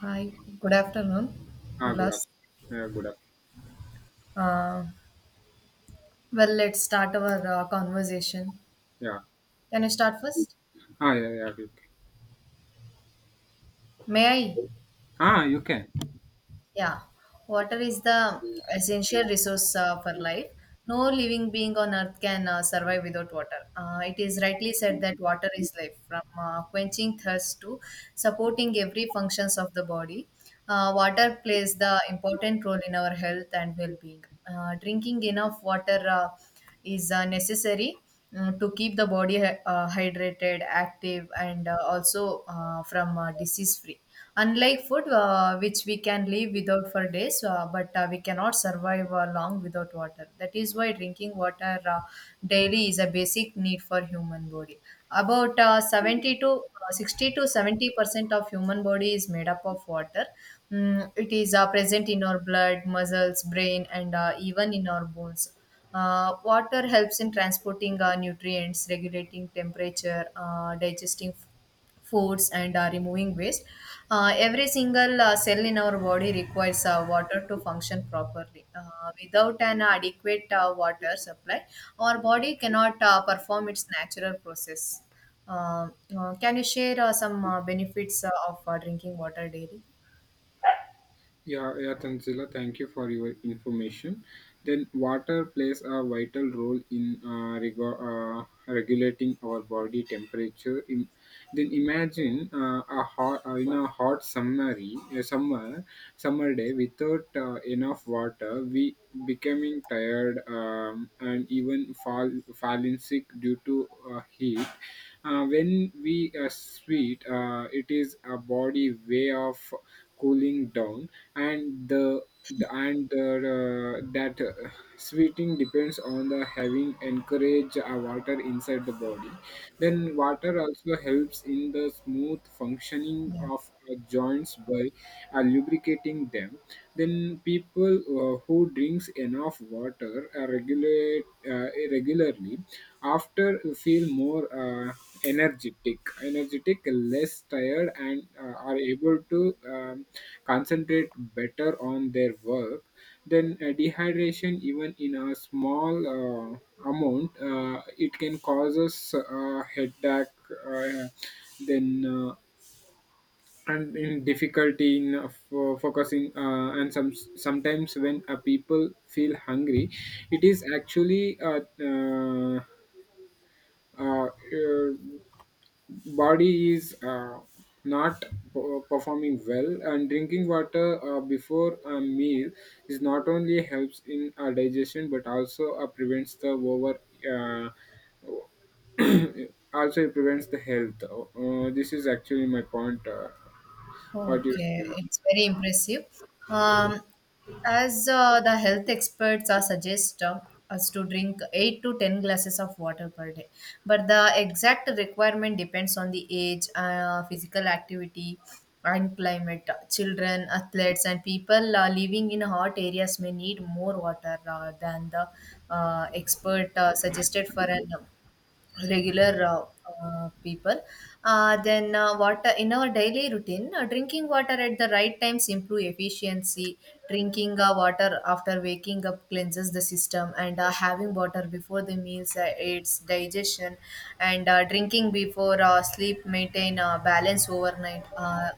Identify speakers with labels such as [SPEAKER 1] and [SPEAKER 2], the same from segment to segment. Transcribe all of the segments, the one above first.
[SPEAKER 1] Hi, good afternoon,
[SPEAKER 2] Ah, good
[SPEAKER 1] Ulas.
[SPEAKER 2] afternoon. Yeah, good afternoon.
[SPEAKER 1] Uh, well, let's start our conversation.
[SPEAKER 2] Yeah.
[SPEAKER 1] Can I start first?
[SPEAKER 2] Ah, yeah, yeah. You can.
[SPEAKER 1] May I?
[SPEAKER 2] Ah, you can.
[SPEAKER 1] Yeah, water is the essential resource for life. No living being on earth can survive without water. It is rightly said that water is life, from quenching thirst to supporting every functions of the body. Water plays the important role in our health and well-being. Drinking enough water is necessary to keep the body hydrated, active, and also from disease-free. Unlike food, which we can live without for days, but we cannot survive long without water. That is why drinking water daily is a basic need for human body. About 70 to 60 to 70% of human body is made up of water. It is present in our blood, muscles, brain, and even in our bones. Water helps in transporting nutrients, regulating temperature, digesting foods and removing waste. Every single cell in our body requires water to function properly. Without an adequate water supply, our body cannot perform its natural process. Uh, can you share some benefits of drinking water daily?
[SPEAKER 2] Yeah, yeah, Tanzila, thank you for your information. Then, water plays a vital role in regulating our body temperature. Then imagine in a hot summer day without enough water, we becoming tired and even falling sick due to heat. When we sweat, it is a body way of cooling down, and the, and that sweating depends on the having encourage water inside the body. Then water also helps in the smooth functioning
[SPEAKER 1] Yeah.
[SPEAKER 2] of joints by lubricating them. Then people who drinks enough water regulate regularly me after you feel more energetic energetic, less tired, and are able to concentrate better on their work. Then dehydration, even in a small amount, it can cause us headache, uh, then and in difficulty in focusing, and sometimes when people feel hungry, it is actually uh, uh, body is not performing well. And drinking water before a meal is not only helps in digestion but also prevents the over also it prevents the health this is actually my point. What do you
[SPEAKER 1] Okay,
[SPEAKER 2] say?
[SPEAKER 1] it's very impressive. Um, as the health experts are suggest us to drink 8 to 10 glasses of water per day, but the exact requirement depends on the age, physical activity, and climate. Children, athletes, and people living in hot areas may need more water than the expert suggested for an regular people. Then water in our daily routine, drinking water at the right times improve efficiency. Drinking water after waking up cleanses the system, and having water before the meals aids digestion, and drinking before sleep maintain balance overnight. uh,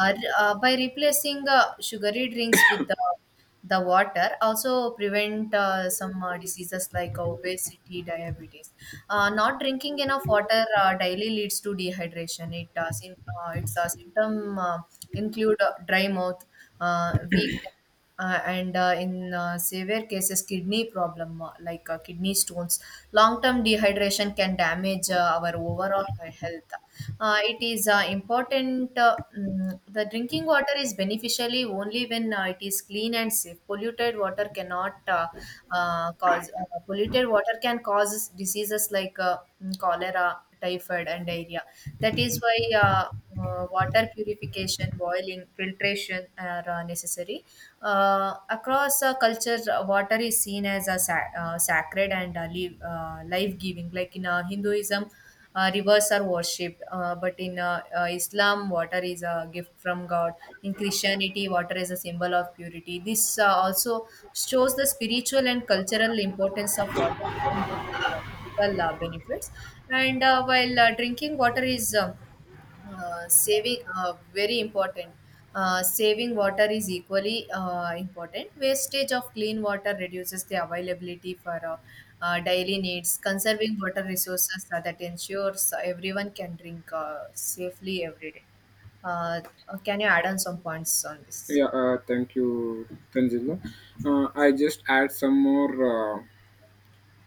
[SPEAKER 1] uh, uh, By replacing sugary drinks with the water also prevent some diseases like obesity, diabetes. Not drinking enough water daily leads to dehydration. Its symptom include dry mouth, weakness, and in severe cases kidney problem like kidney stones. Long term dehydration can damage our overall health. It is important. The drinking water is beneficially only when it is clean and safe. Polluted water cannot cause Polluted water can cause diseases like cholera, typhoid and diarrhea. That is why uh, water purification, boiling, filtration are necessary. Across cultures, water is seen as a sacred and life-giving. Like in Hinduism, rivers are worshipped, but in Islam, water is a gift from God. In Christianity, water is a symbol of purity. This also shows the spiritual and cultural importance of water, physical benefits. And while drinking water is saving very important, saving water is equally important. Wastage of clean water reduces the availability for daily needs. Conserving water resources that ensures everyone can drink safely every day. uh, can you add on some points on this?
[SPEAKER 2] Yeah, thank you, Tanzila. I just add some more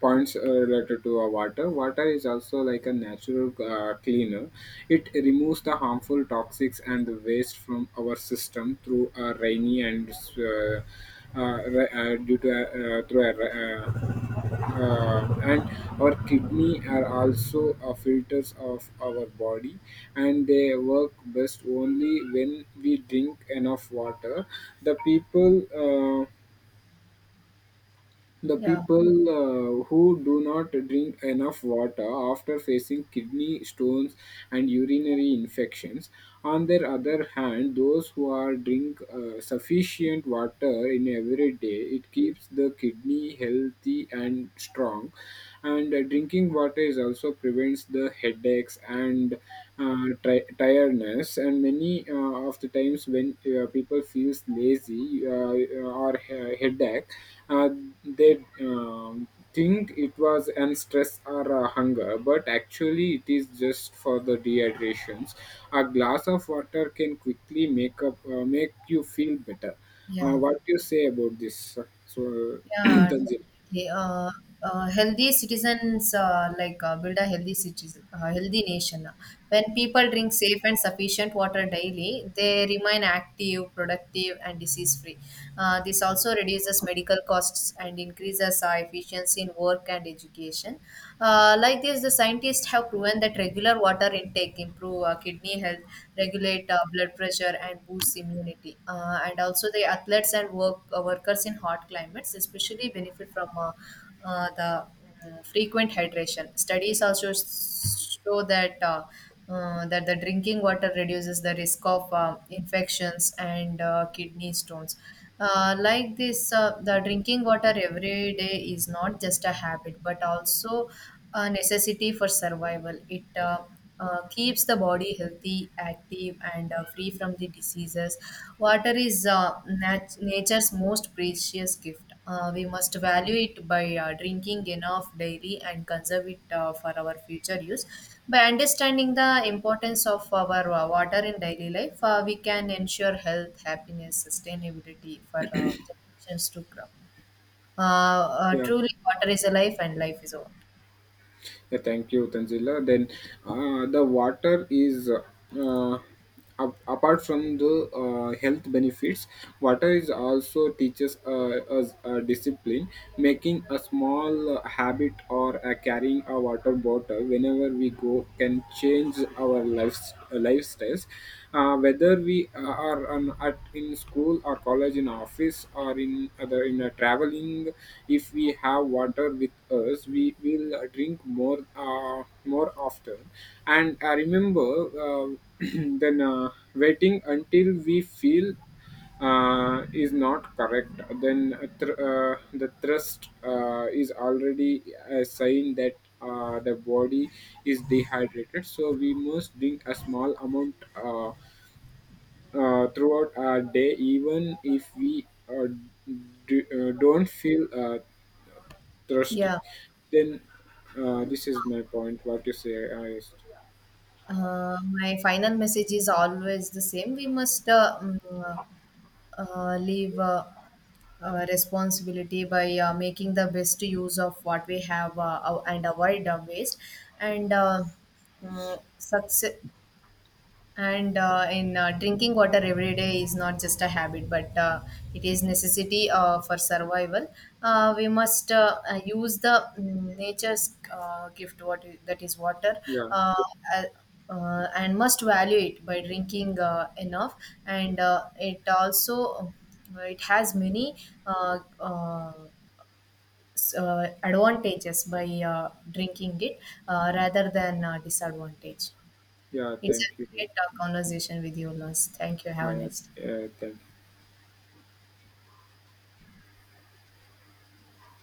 [SPEAKER 2] points related to water is also like a natural cleaner. It removes the harmful toxics and the waste from our system through a rainy and uh, ra- due to a- through a, ra- and our kidney are also filters of our body, and they work best only when we drink enough water. the people uh, the
[SPEAKER 1] yeah
[SPEAKER 2] people who do not drink enough water after facing kidney stones and urinary infections. On their other hand, those who are drink sufficient water in every day, it keeps the kidney healthy and strong. And drinking water is also prevents the headaches and tiredness. And many of the times when people feels lazy, headache, uh, they think it was an stress or a hunger, but actually it is just for the dehydrations. A glass of water can quickly make you feel better.
[SPEAKER 1] yeah
[SPEAKER 2] What do you say about this? So
[SPEAKER 1] Yeah,
[SPEAKER 2] Tanzila.
[SPEAKER 1] definitely. Healthy citizens, like build a healthy citizen, healthy nation. When people drink safe and sufficient water daily, they remain active, productive, and disease-free. This also reduces medical costs and increases efficiency in work and education. Like this, the scientists have proven that regular water intake improve kidney health, regulate blood pressure, and boost immunity. And also, the athletes and workers in hot climates especially benefit from the frequent hydration. Studies also show that the drinking water reduces the risk of infections and kidney stones. Like this, the drinking water every day is not just a habit, but also a necessity for survival. It keeps the body healthy, active, and free from the diseases. Water is nature's most precious gift. We must value it by drinking enough daily and conserve it for our future use. By understanding the importance of our water in daily life, we can ensure health, happiness, sustainability for generations to come.
[SPEAKER 2] Yeah.
[SPEAKER 1] Truly, water is a life, and life is a water.
[SPEAKER 2] Yeah, thank you, Tanzila. Then the water is, apart from the health benefits, water is also teaches us discipline. Making a small habit or carrying a water bottle whenever we go can change our lives lifestyles. Whether we are on, at in school or college, in office, or in other in traveling, if we have water with us, we will drink more more often. And I remember uh, then waiting until we feel is not correct. Then thr the thrust is already a sign that the body is dehydrated, so we must drink a small amount, throughout our day, even if we don't feel thirsty.
[SPEAKER 1] Yeah.
[SPEAKER 2] Then this is my point. What you say? I,
[SPEAKER 1] My final message is always the same. We must live. Responsibility by making the best use of what we have and avoid waste and success, and in drinking water every day is not just a habit, but it is necessity for survival. We must use the nature's gift, that is water.
[SPEAKER 2] yeah,
[SPEAKER 1] uh, uh, and must value it by drinking enough, and it also it has many uh, uh, advantages by drinking it rather than disadvantage.
[SPEAKER 2] yeah.
[SPEAKER 1] It's
[SPEAKER 2] Thank
[SPEAKER 1] a
[SPEAKER 2] you.
[SPEAKER 1] great conversation with you, Lars. Thank you. Have a
[SPEAKER 2] I,
[SPEAKER 1] nice day.
[SPEAKER 2] thank